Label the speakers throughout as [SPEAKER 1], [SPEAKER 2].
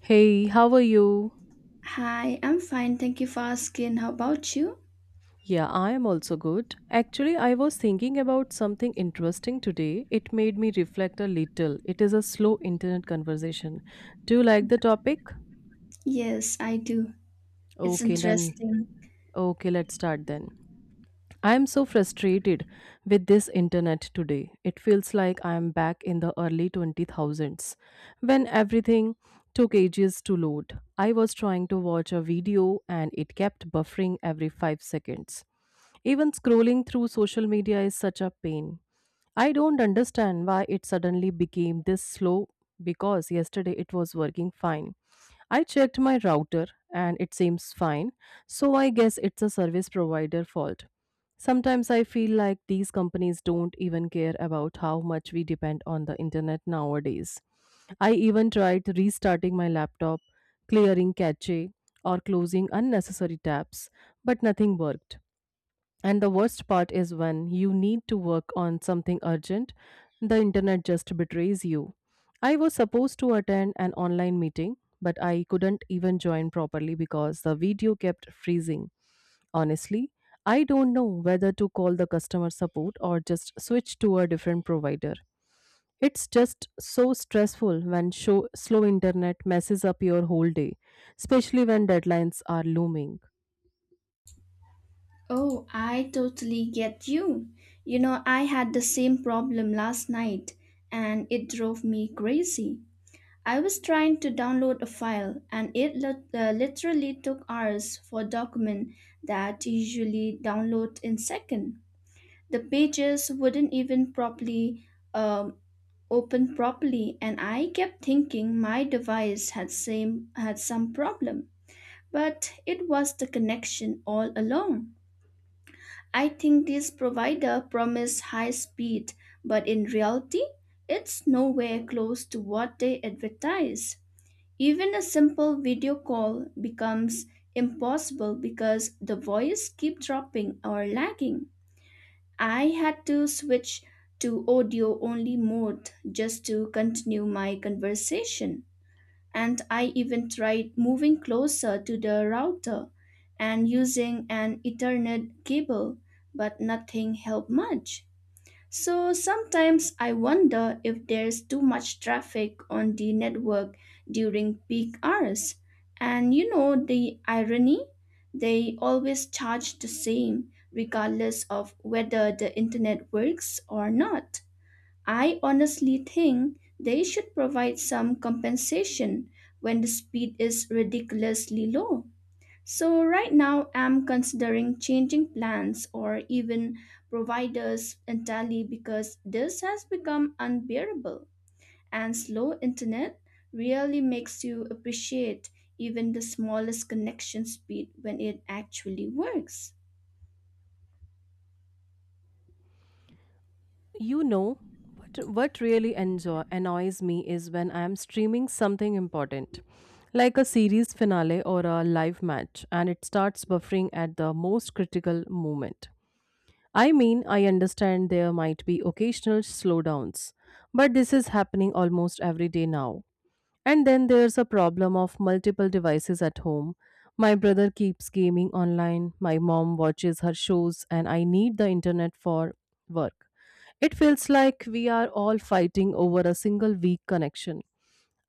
[SPEAKER 1] Hey, how are you?
[SPEAKER 2] Hi, I'm fine. Thank you for asking. How about you?
[SPEAKER 1] Yeah, I am also good. Actually, I was thinking about something interesting today. It made me reflect a little. It is a slow internet conversation. Do you like the topic?
[SPEAKER 2] Yes, I do. It's
[SPEAKER 1] Okay, then.
[SPEAKER 2] interesting.
[SPEAKER 1] Okay, let's start then. I am so frustrated with this internet today. It feels like I am back in the early 20,000s when everything took ages to load. I was trying to watch a video and it kept buffering every 5 seconds. Even scrolling through social media is such a pain. I don't understand why it suddenly became this slow because yesterday it was working fine. I checked my router and it seems fine, so I guess it's a service provider fault. Sometimes I feel like these companies don't even care about how much we depend on the internet nowadays. I even tried restarting my laptop, clearing cache, or closing unnecessary tabs, but nothing worked. And the worst part is when you need to work on something urgent, the internet just betrays you. I was supposed to attend an online meeting, but I couldn't even join properly because the video kept freezing. Honestly, I don't know whether to call the customer support or just switch to a different provider. It's just so stressful when slow internet messes up your whole day, especially when deadlines are looming.
[SPEAKER 2] Oh, I totally get you. You know, I had the same problem last night and it drove me crazy. I was trying to download a file and it literally took hours for a document that usually download in second. The pages wouldn't even properly um, open properly and I kept thinking my device had some problem. But it was the connection all along. I think this provider promised high speed, but in reality, it's nowhere close to what they advertise. Even a simple video call becomes impossible because the voice keep dropping or lagging. I had to switch to audio only mode just to continue my conversation. And I even tried moving closer to the router and using an Ethernet cable, but nothing helped much. So sometimes I wonder if there's too much traffic on the network during peak hours. And you know the irony? They always charge the same, regardless of whether the internet works or not. I honestly think they should provide some compensation when the speed is ridiculously low. So, right now, I'm considering changing plans or even providers entirely because this has become unbearable. And slow internet really makes you appreciate even the smallest connection speed when it actually works.
[SPEAKER 1] You know, what really annoys me is when I am streaming something important, like a series finale or a live match, and it starts buffering at the most critical moment. I mean, I understand there might be occasional slowdowns, but this is happening almost every day now. And then there's a problem of multiple devices at home. My brother keeps gaming online, my mom watches her shows, and I need the internet for work. It feels like we are all fighting over a single weak connection.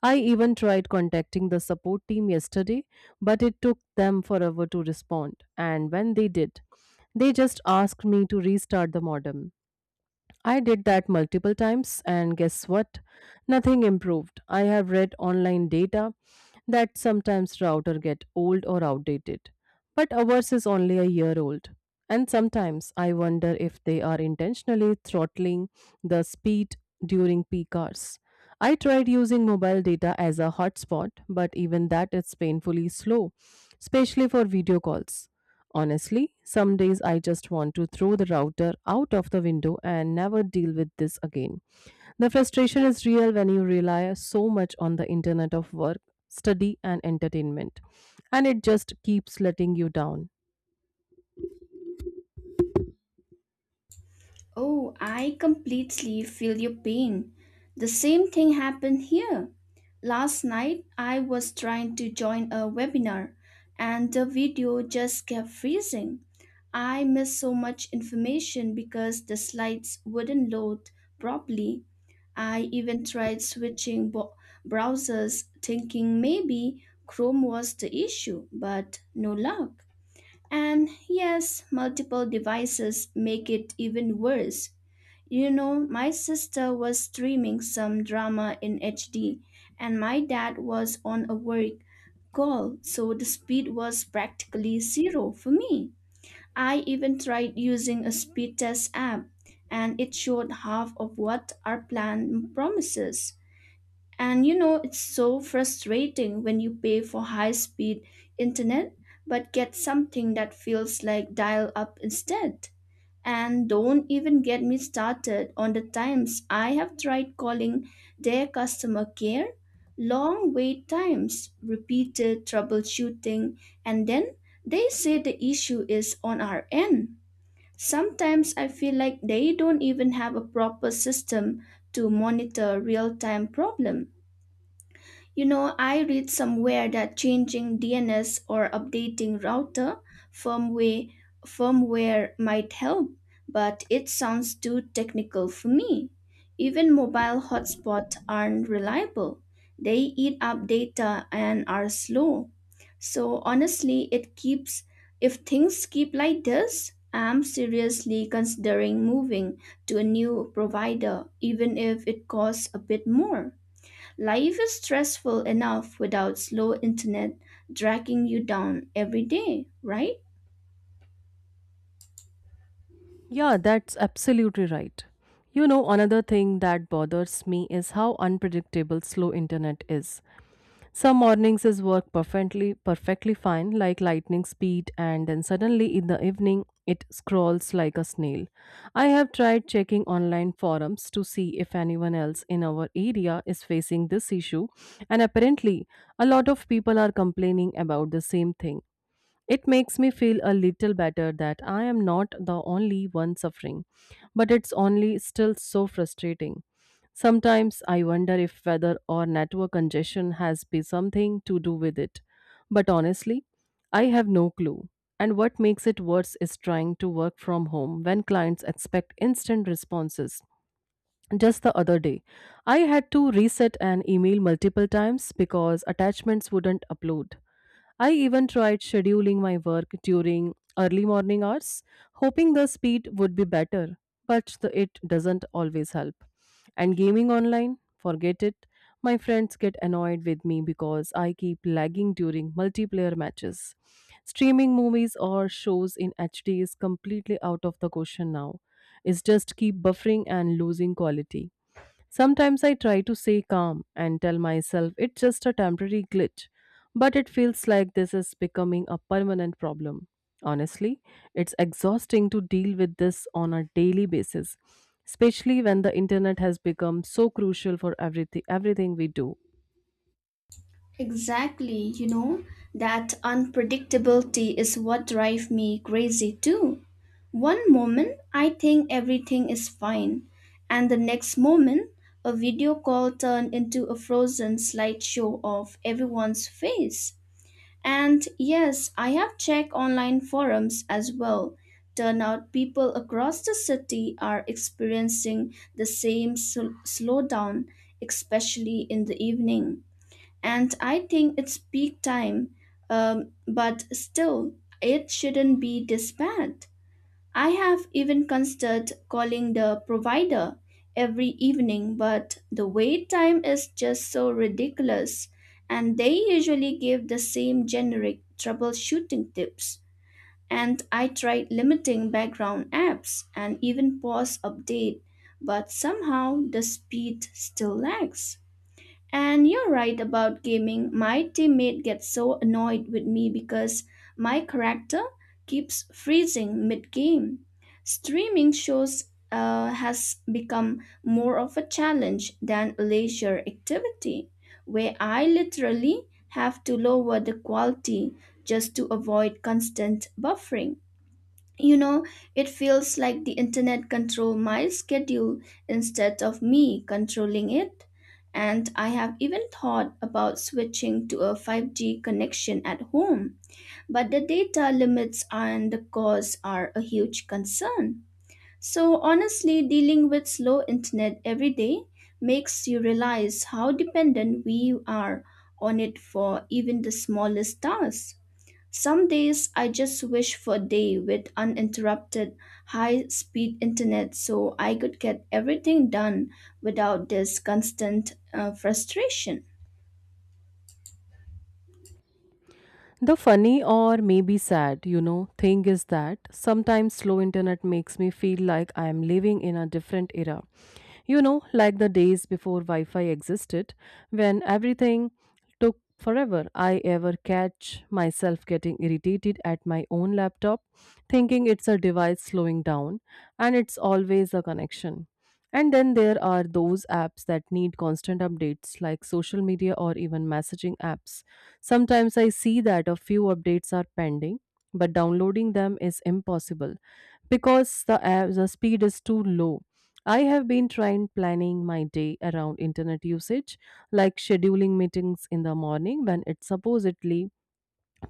[SPEAKER 1] I even tried contacting the support team yesterday, but it took them forever to respond. And when they did, they just asked me to restart the modem. I did that multiple times, and guess what? Nothing improved. I have read online data that sometimes router get old or outdated, but ours is only a year old. And sometimes I wonder if they are intentionally throttling the speed during peak hours. I tried using mobile data as a hotspot, but even that is painfully slow, especially for video calls. Honestly, some days I just want to throw the router out of the window and never deal with this again. The frustration is real when you rely so much on the internet of work, study, and entertainment, and it just keeps letting you down.
[SPEAKER 2] Oh, I completely feel your pain. The same thing happened here. Last night, I was trying to join a webinar and the video just kept freezing. I missed so much information because the slides wouldn't load properly. I even tried switching browsers, thinking maybe Chrome was the issue, but no luck. And yes, multiple devices make it even worse, you know, my sister was streaming some drama in HD, and my dad was on a work call, so the speed was practically zero for me. I even tried using a speed test app, and it showed half of what our plan promises. And you know, it's so frustrating when you pay for high speed internet but get something that feels like dial up instead. And don't even get me started on the times I have tried calling their customer care, long wait times, repeated troubleshooting, and then they say the issue is on our end. Sometimes I feel like they don't even have a proper system to monitor real time problem, you know, I read somewhere that changing DNS or updating router firmware firmware might help, but it sounds too technical for me. Even mobile hotspots aren't reliable. They eat up data and are slow. So honestly, it keeps if things keep like this, I'm seriously considering moving to a new provider even if it costs a bit more. Life is stressful enough without slow internet dragging you down every day, right?
[SPEAKER 1] Yeah, that's absolutely right. You know, another thing that bothers me is how unpredictable slow internet is. Some mornings is work perfectly fine, like lightning speed, and then suddenly in the evening it scrolls like a snail. I have tried checking online forums to see if anyone else in our area is facing this issue, and apparently a lot of people are complaining about the same thing. It makes me feel a little better that I am not the only one suffering, but it's only still so frustrating. Sometimes I wonder if whether or network congestion has be something to do with it. But honestly, I have no clue. And what makes it worse is trying to work from home when clients expect instant responses. Just the other day, I had to reset an email multiple times because attachments wouldn't upload. I even tried scheduling my work during early morning hours, hoping the speed would be better, but it doesn't always help. And gaming online, forget it. My friends get annoyed with me because I keep lagging during multiplayer matches. Streaming movies or shows in HD is completely out of the question now. It's just keep buffering and losing quality. Sometimes I try to stay calm and tell myself it's just a temporary glitch, but it feels like this is becoming a permanent problem. Honestly, it's exhausting to deal with this on a daily basis, especially when the internet has become so crucial for everything we do.
[SPEAKER 2] Exactly, you know, that unpredictability is what drives me crazy too. One moment I think everything is fine, and the next moment a video call turned into a frozen slideshow of everyone's face. And yes, I have checked online forums as well. Turnout people across the city are experiencing the same slowdown, especially in the evening. And I think it's peak time, but still, it shouldn't be this bad. I have even considered calling the provider every evening, but the wait time is just so ridiculous, and they usually give the same generic troubleshooting tips. And I tried limiting background apps and even pause update, but somehow the speed still lags. And you're right about gaming. My teammate gets so annoyed with me because my character keeps freezing mid game. Streaming shows has become more of a challenge than a leisure activity, where I literally have to lower the quality just to avoid constant buffering. You know, it feels like the internet control my schedule instead of me controlling it. And I have even thought about switching to a 5G connection at home, but the data limits and the costs are a huge concern. So, honestly, dealing with slow internet every day makes you realize how dependent we are on it for even the smallest tasks. Some days I just wish for a day with uninterrupted high speed internet so I could get everything done without this constant frustration.
[SPEAKER 1] The funny or maybe sad, you know, thing is that sometimes slow internet makes me feel like I am living in a different era. You know, like the days before Wi Fi existed, when everything took forever. I ever catch myself getting irritated at my own laptop, thinking it's a device slowing down, and it's always a connection. And then there are those apps that need constant updates, like social media or even messaging apps. Sometimes I see that a few updates are pending, but downloading them is impossible because the app, the speed is too low. I have been trying planning my day around internet usage, like scheduling meetings in the morning when it's supposedly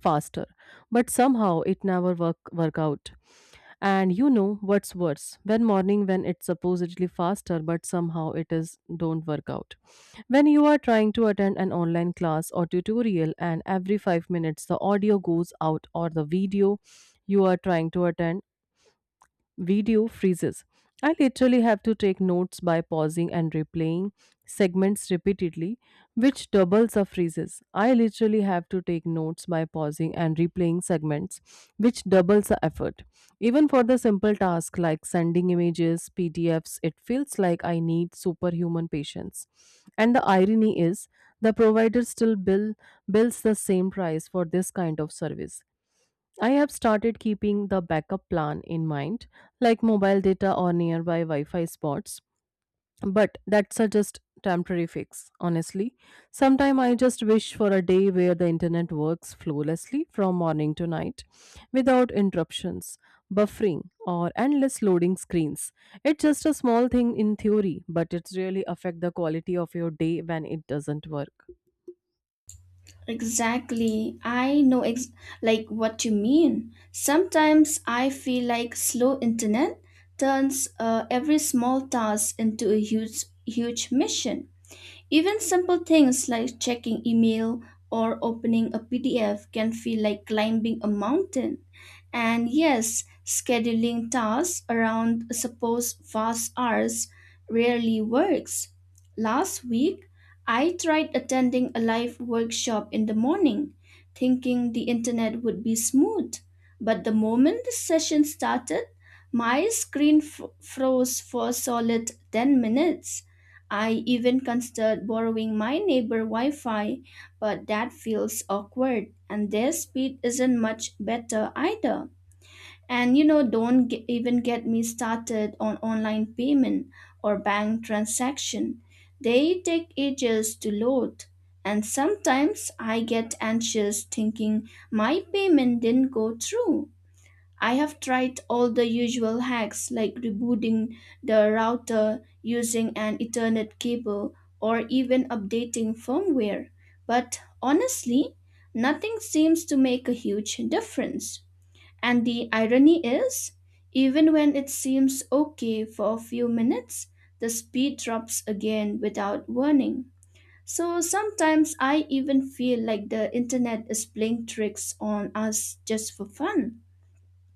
[SPEAKER 1] faster, but somehow it never work out. And you know what's worse when morning when it's supposedly faster but somehow it is don't work out, when you are trying to attend an online class or tutorial and every 5 minutes the audio goes out or the video you are trying to attend video freezes. I literally have to take notes by pausing and replaying segments repeatedly, which doubles the freezes. I literally have to take notes by pausing and replaying segments, which doubles the effort. Even for the simple task like sending images, PDFs, it feels like I need superhuman patience. And the irony is, the provider bills the same price for this kind of service. I have started keeping the backup plan in mind, like mobile data or nearby Wi Fi spots, but that's a just temporary fix. Honestly, sometime I just wish for a day where the internet works flawlessly from morning to night without interruptions, buffering, or endless loading screens. It's just a small thing in theory, but it really affect the quality of your day when it doesn't work.
[SPEAKER 2] Exactly. Like what you mean. Sometimes I feel like slow internet turns every small task into a huge mission. Even simple things like checking email or opening a PDF can feel like climbing a mountain. And yes, scheduling tasks around suppose fast hours rarely works. Last week, I tried attending a live workshop in the morning, thinking the internet would be smooth. But the moment the session started, my screen froze for a solid 10 minutes. I even considered borrowing my neighbor Wi Fi, but that feels awkward and their speed isn't much better either. And you know, don't even get me started on online payment or bank transaction. They take ages to load. And sometimes I get anxious thinking my payment didn't go through. I have tried all the usual hacks like rebooting the router using an Ethernet cable or even updating firmware, but honestly, nothing seems to make a huge difference. And the irony is, even when it seems okay for a few minutes, the speed drops again without warning. So sometimes I even feel like the internet is playing tricks on us just for fun.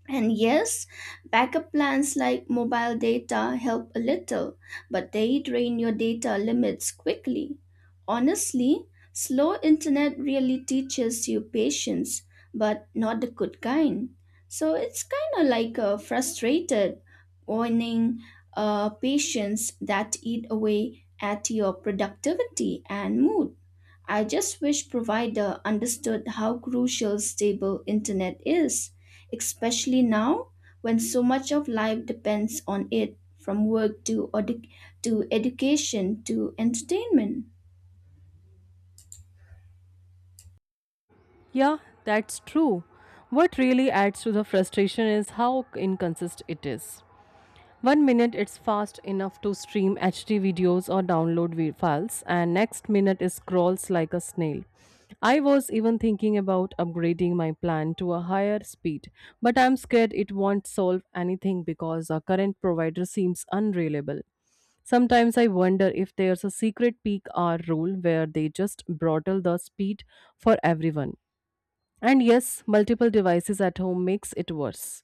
[SPEAKER 2] And yes, backup plans like mobile data help a little, but they drain your data limits quickly. Honestly, slow internet really teaches you patience, but not the good kind. So it's kind of like a frustrated, warning patience that eat away at your productivity and mood. I just wish provider understood how crucial stable internet is, especially now when so much of life depends on it from work to to education to entertainment.
[SPEAKER 1] Yeah, that's true. What really adds to the frustration is how inconsistent it is. One minute it's fast enough to stream HD videos or download vi- files, and next minute it scrolls like a snail. I was even thinking about upgrading my plan to a higher speed, but I'm scared it won't solve anything because our current provider seems unreliable. Sometimes I wonder if there's a secret peak hour rule where they just throttle the speed for everyone. And yes, multiple devices at home makes it worse.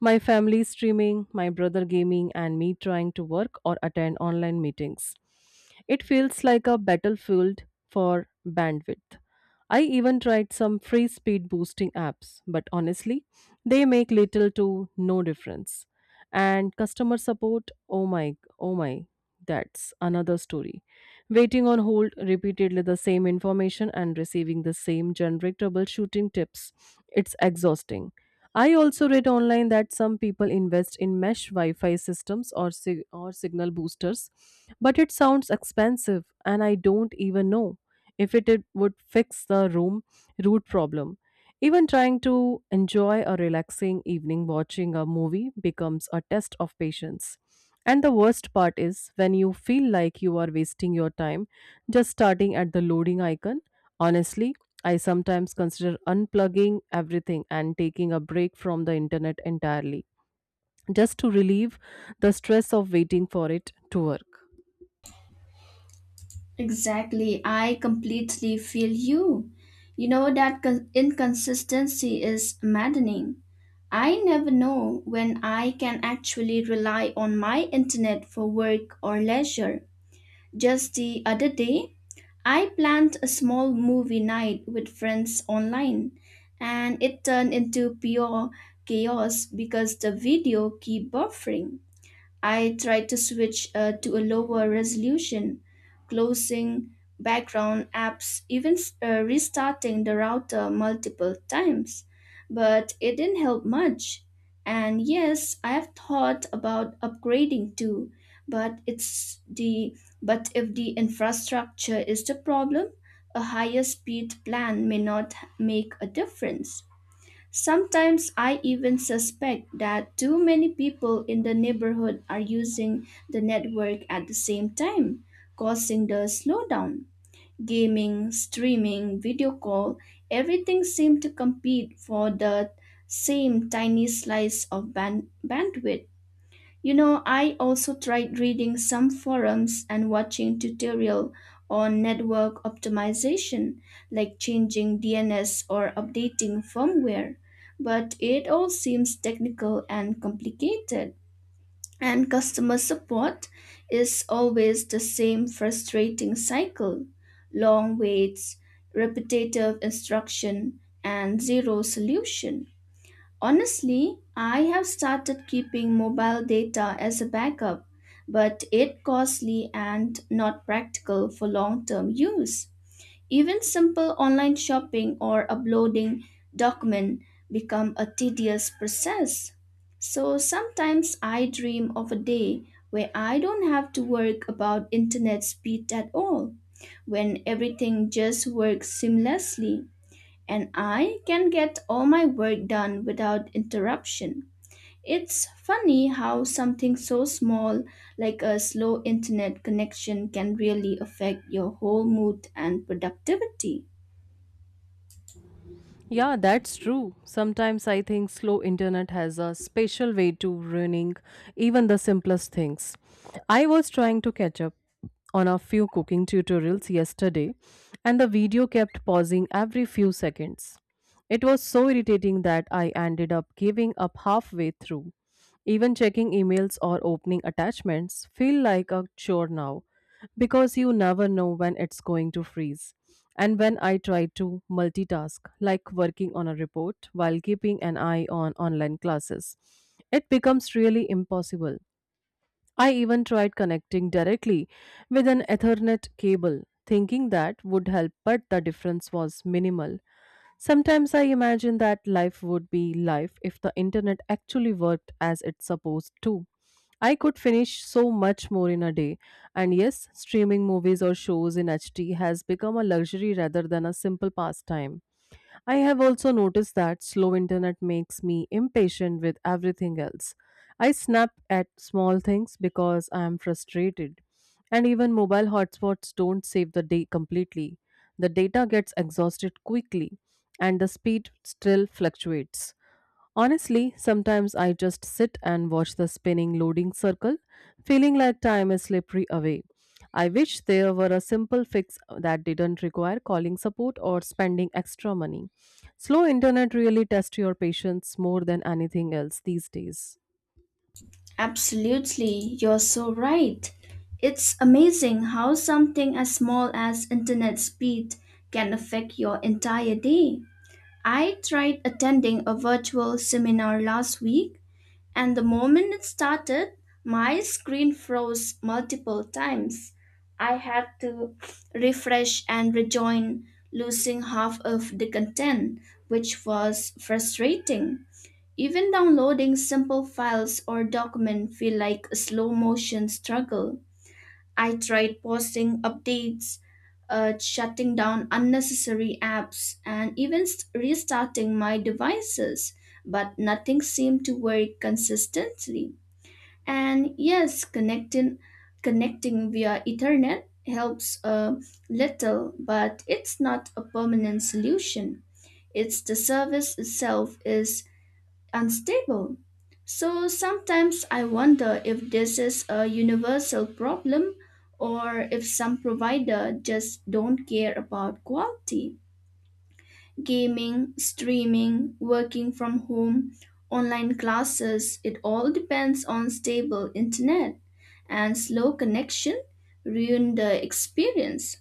[SPEAKER 1] My family streaming, my brother gaming, and me trying to work or attend online meetings. It feels like a battlefield for bandwidth. I even tried some free speed boosting apps, but honestly, they make little to no difference. And customer support, oh my, oh my, that's another story, waiting on hold repeatedly the same information and receiving the same generic troubleshooting tips. It's exhausting. I also read online that some people invest in mesh Wi-Fi systems or signal boosters, but it sounds expensive and I don't even know if it would fix the room root problem. Even trying to enjoy a relaxing evening watching a movie becomes a test of patience. And the worst part is when you feel like you are wasting your time just starting at the loading icon. Honestly, I sometimes consider unplugging everything and taking a break from the internet entirely just to relieve the stress of waiting for it to work.
[SPEAKER 2] Exactly, I completely feel you. You know that inconsistency is maddening. I never know when I can actually rely on my internet for work or leisure. Just the other day, I planned a small movie night with friends online, and it turned into pure chaos because the video keep buffering. I tried to switch to a lower resolution, closing background apps, even restarting the router multiple times, but it didn't help much. And yes, I have thought about upgrading too, but it's the but if the infrastructure is the problem, a higher speed plan may not make a difference. Sometimes I even suspect that too many people in the neighborhood are using the network at the same time, causing the slowdown. Gaming, streaming, video call, everything seemed to compete for the same tiny slice of bandwidth. You know, I also tried reading some forums and watching tutorial on network optimization, like changing DNS or updating firmware, but it all seems technical and complicated. And customer support is always the same frustrating cycle. Long waits, repetitive instruction, and zero solution. Honestly, I have started keeping mobile data as a backup, but it costly and not practical for long-term use. Even simple online shopping or uploading document become a tedious process. So sometimes I dream of a day where I don't have to work about internet speed at all, when everything just works seamlessly and I can get all my work done without interruption. It's funny how something so small like a slow internet connection can really affect your whole mood and productivity.
[SPEAKER 1] Yeah, that's true. Sometimes I think slow internet has a special way to ruining even the simplest things. I was trying to catch up on a few cooking tutorials yesterday and the video kept pausing every few seconds. It was so irritating that I ended up giving up halfway through. Even checking emails or opening attachments feel like a chore now because you never know when it's going to freeze. And when I try to multitask, like working on a report while keeping an eye on online classes, it becomes really impossible. I even tried connecting directly with an Ethernet cable, thinking that would help, but the difference was minimal. Sometimes I imagine that life would be life if the internet actually worked as it's supposed to. I could finish so much more in a day. And yes, streaming movies or shows in HD has become a luxury rather than a simple pastime. I have also noticed that slow internet makes me impatient with everything else. I snap at small things because I am frustrated. And even mobile hotspots don't save the day completely. The data gets exhausted quickly, and the speed still fluctuates. Honestly, sometimes I just sit and watch the spinning loading circle, feeling like time is slippery away. I wish there were a simple fix that didn't require calling support or spending extra money. Slow internet really tests your patience more than anything else these days.
[SPEAKER 2] Absolutely, you're so right. It's amazing how something as small as internet speed can affect your entire day. I tried attending a virtual seminar last week. And the moment it started, my screen froze multiple times. I had to refresh and rejoin, losing half of the content, which was frustrating. Even downloading simple files or document feel like a slow motion struggle. I tried posting updates, shutting down unnecessary apps, and even restarting my devices, but nothing seemed to work consistently. And yes, connecting via Ethernet helps a little, but it's not a permanent solution. It's the service itself is unstable. So sometimes I wonder if this is a universal problem or if some provider just don't care about quality. Gaming, streaming, working from home, online classes, it all depends on stable internet and slow connection ruin the experience.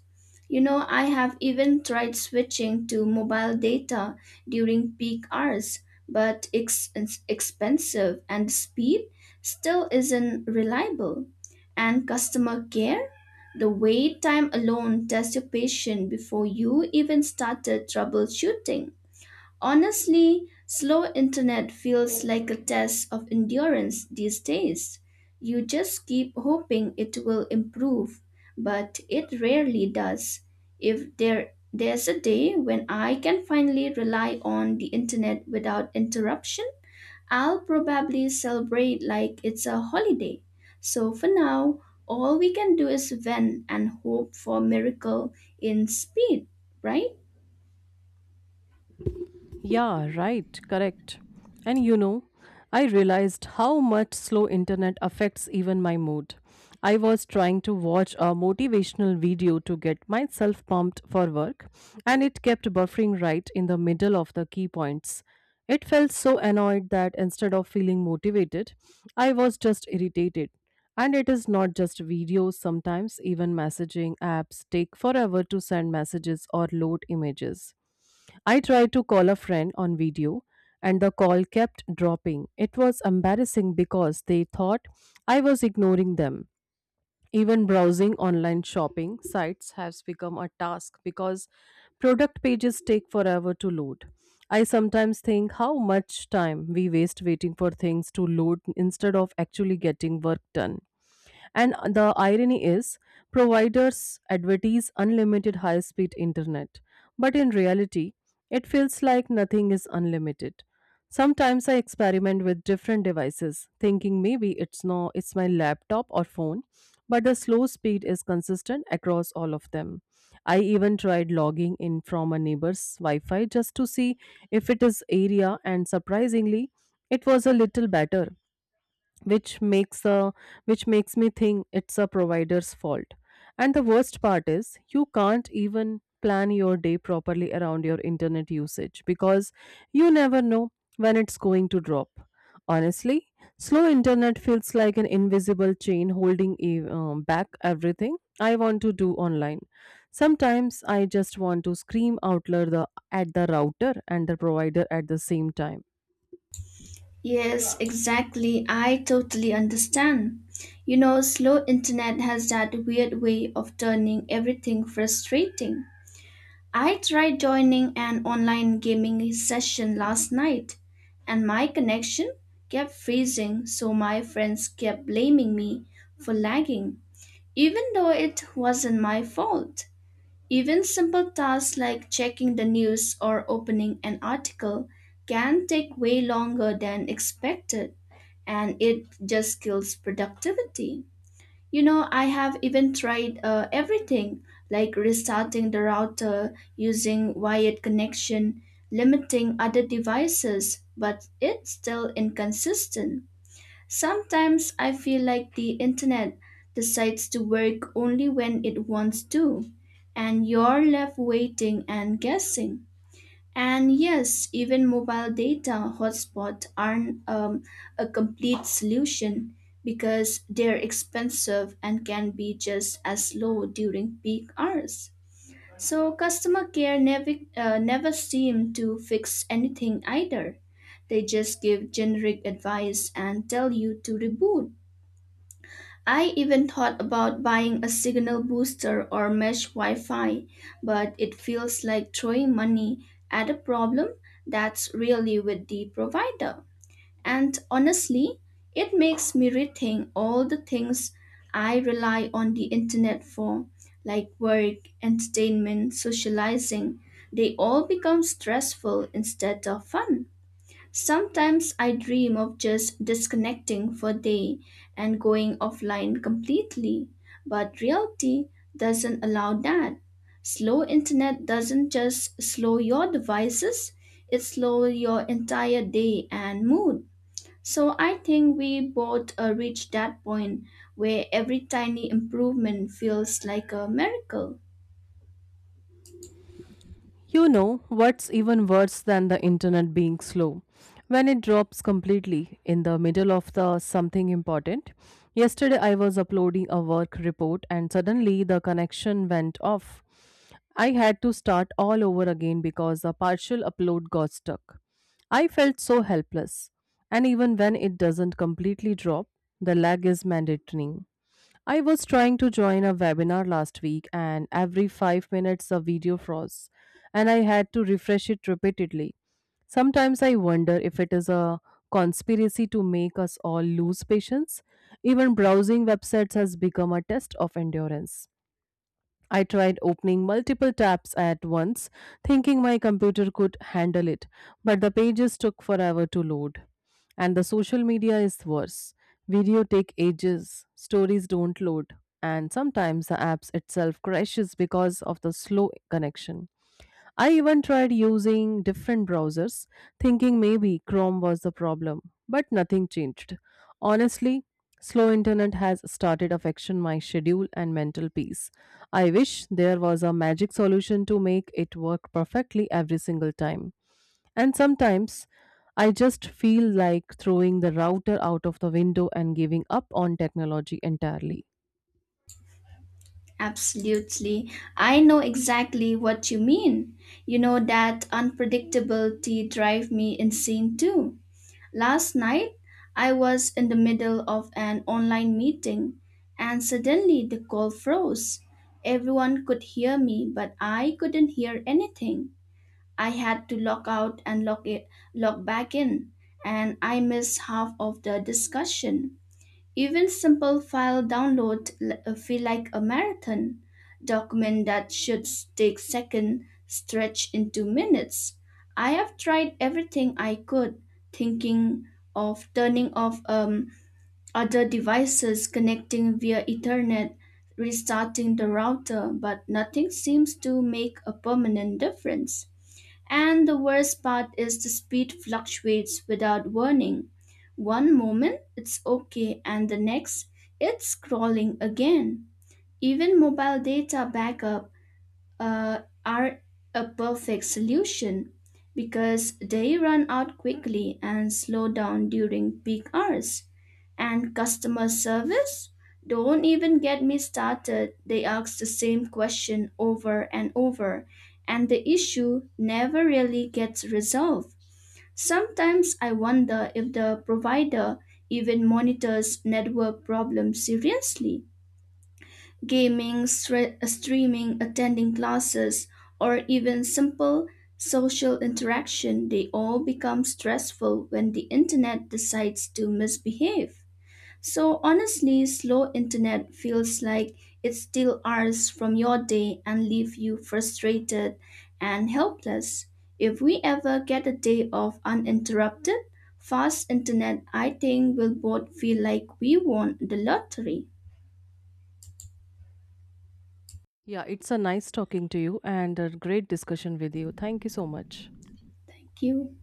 [SPEAKER 2] You know, I have even tried switching to mobile data during peak hours, but it's expensive and speed still isn't reliable. And customer care? The wait time alone tests your patience before you even started troubleshooting. Honestly, slow internet feels like a test of endurance these days. You just keep hoping it will improve, but it rarely does. If there's a day when I can finally rely on the internet without interruption, I'll probably celebrate like it's a holiday. So for now, all we can do is vent and hope for miracle in speed, right?
[SPEAKER 1] Yeah, right, correct. And you know, I realized how much slow internet affects even my mood. I was trying to watch a motivational video to get myself pumped for work, and it kept buffering right in the middle of the key points. It felt so annoyed that instead of feeling motivated, I was just irritated. And it is not just videos, sometimes even messaging apps take forever to send messages or load images. I tried to call a friend on video and the call kept dropping. It was embarrassing because they thought I was ignoring them. Even browsing online shopping sites has become a task because product pages take forever to load. I sometimes think how much time we waste waiting for things to load instead of actually getting work done. And the irony is, providers advertise unlimited high speed internet, but in reality, it feels like nothing is unlimited. Sometimes I experiment with different devices, thinking maybe it's no it's my laptop or phone, but the slow speed is consistent across all of them. I even tried logging in from a neighbor's Wi-Fi just to see if it is area, and surprisingly it was a little better, which makes a which makes me think it's a provider's fault. And the worst part is you can't even plan your day properly around your internet usage because you never know when it's going to drop. Honestly, slow internet feels like an invisible chain holding back everything I want to do online. Sometimes I just want to scream out loud, the at the router and the provider at the same time.
[SPEAKER 2] Yes, exactly. I totally understand. You know, slow internet has that weird way of turning everything frustrating. I tried joining an online gaming session last night and my connection kept freezing, so my friends kept blaming me for lagging, even though it wasn't my fault. Even simple tasks like checking the news or opening an article can take way longer than expected and it just kills productivity. You know, I have even tried everything like restarting the router, using wired connection, limiting other devices, but it's still inconsistent. Sometimes I feel like the internet decides to work only when it wants to, and you're left waiting and guessing. And yes, even mobile data hotspots aren't a complete solution because they're expensive and can be just as slow during peak hours. So customer care never seem to fix anything either. They just give generic advice and tell you to reboot. I even thought about buying a signal booster or mesh Wi Fi, but it feels like throwing money at a problem that's really with the provider. And honestly, it makes me rethink all the things I rely on the internet for, like work, entertainment, socializing. They all become stressful instead of fun. Sometimes I dream of just disconnecting for a day and going offline completely, but reality doesn't allow that. Slow internet doesn't just slow your devices, it slows your entire day and mood. So I think we both reach that point where every tiny improvement feels like a miracle.
[SPEAKER 1] You know, what's even worse than the internet being slow? When it drops completely in the middle of the something important. Yesterday I was uploading a work report and suddenly the connection went off. I had to start all over again because the partial upload got stuck. I felt so helpless. And even when it doesn't completely drop, the lag is mandatory. I was trying to join a webinar last week and every 5 minutes a video froze and I had to refresh it repeatedly. Sometimes I wonder if it is a conspiracy to make us all lose patience. Even browsing websites has become a test of endurance. I tried opening multiple tabs at once, thinking my computer could handle it, but the pages took forever to load. And the social media is worse. Video take ages, stories don't load, and sometimes the apps itself crashes because of the slow connection. I even tried using different browsers, thinking maybe Chrome was the problem, but nothing changed. Honestly, slow internet has started affecting my schedule and mental peace. I wish there was a magic solution to make it work perfectly every single time. And sometimes I just feel like throwing the router out of the window and giving up on technology entirely.
[SPEAKER 2] Absolutely. I know exactly what you mean. You know that unpredictability drive me insane too. Last night, I was in the middle of an online meeting and suddenly the call froze. Everyone could hear me, but I couldn't hear anything. I had to log out and log it, log back in, and I missed half of the discussion. Even simple file download feel like a marathon. Document that should take seconds stretch into minutes. I have tried everything I could, thinking of turning off other devices, connecting via Ethernet, restarting the router, but nothing seems to make a permanent difference. And the worst part is the speed fluctuates without warning. One moment it's okay, and the next it's crawling again. Even mobile data backup are a perfect solution because they run out quickly and slow down during peak hours. And customer service? Don't even get me started. They ask the same question over and over, and the issue never really gets resolved. Sometimes I wonder if the provider even monitors network problems seriously gaming, streaming, attending classes, or even simple social interaction, they all become stressful when the internet decides to misbehave. So, honestly, slow internet feels like it steals hours from your day and leave you frustrated and helpless. If we ever get a day of uninterrupted, fast internet, I think we will both feel like we won the lottery.
[SPEAKER 1] Yeah, it's a nice talking to you and a great discussion with you. Thank you so much.
[SPEAKER 2] Thank you.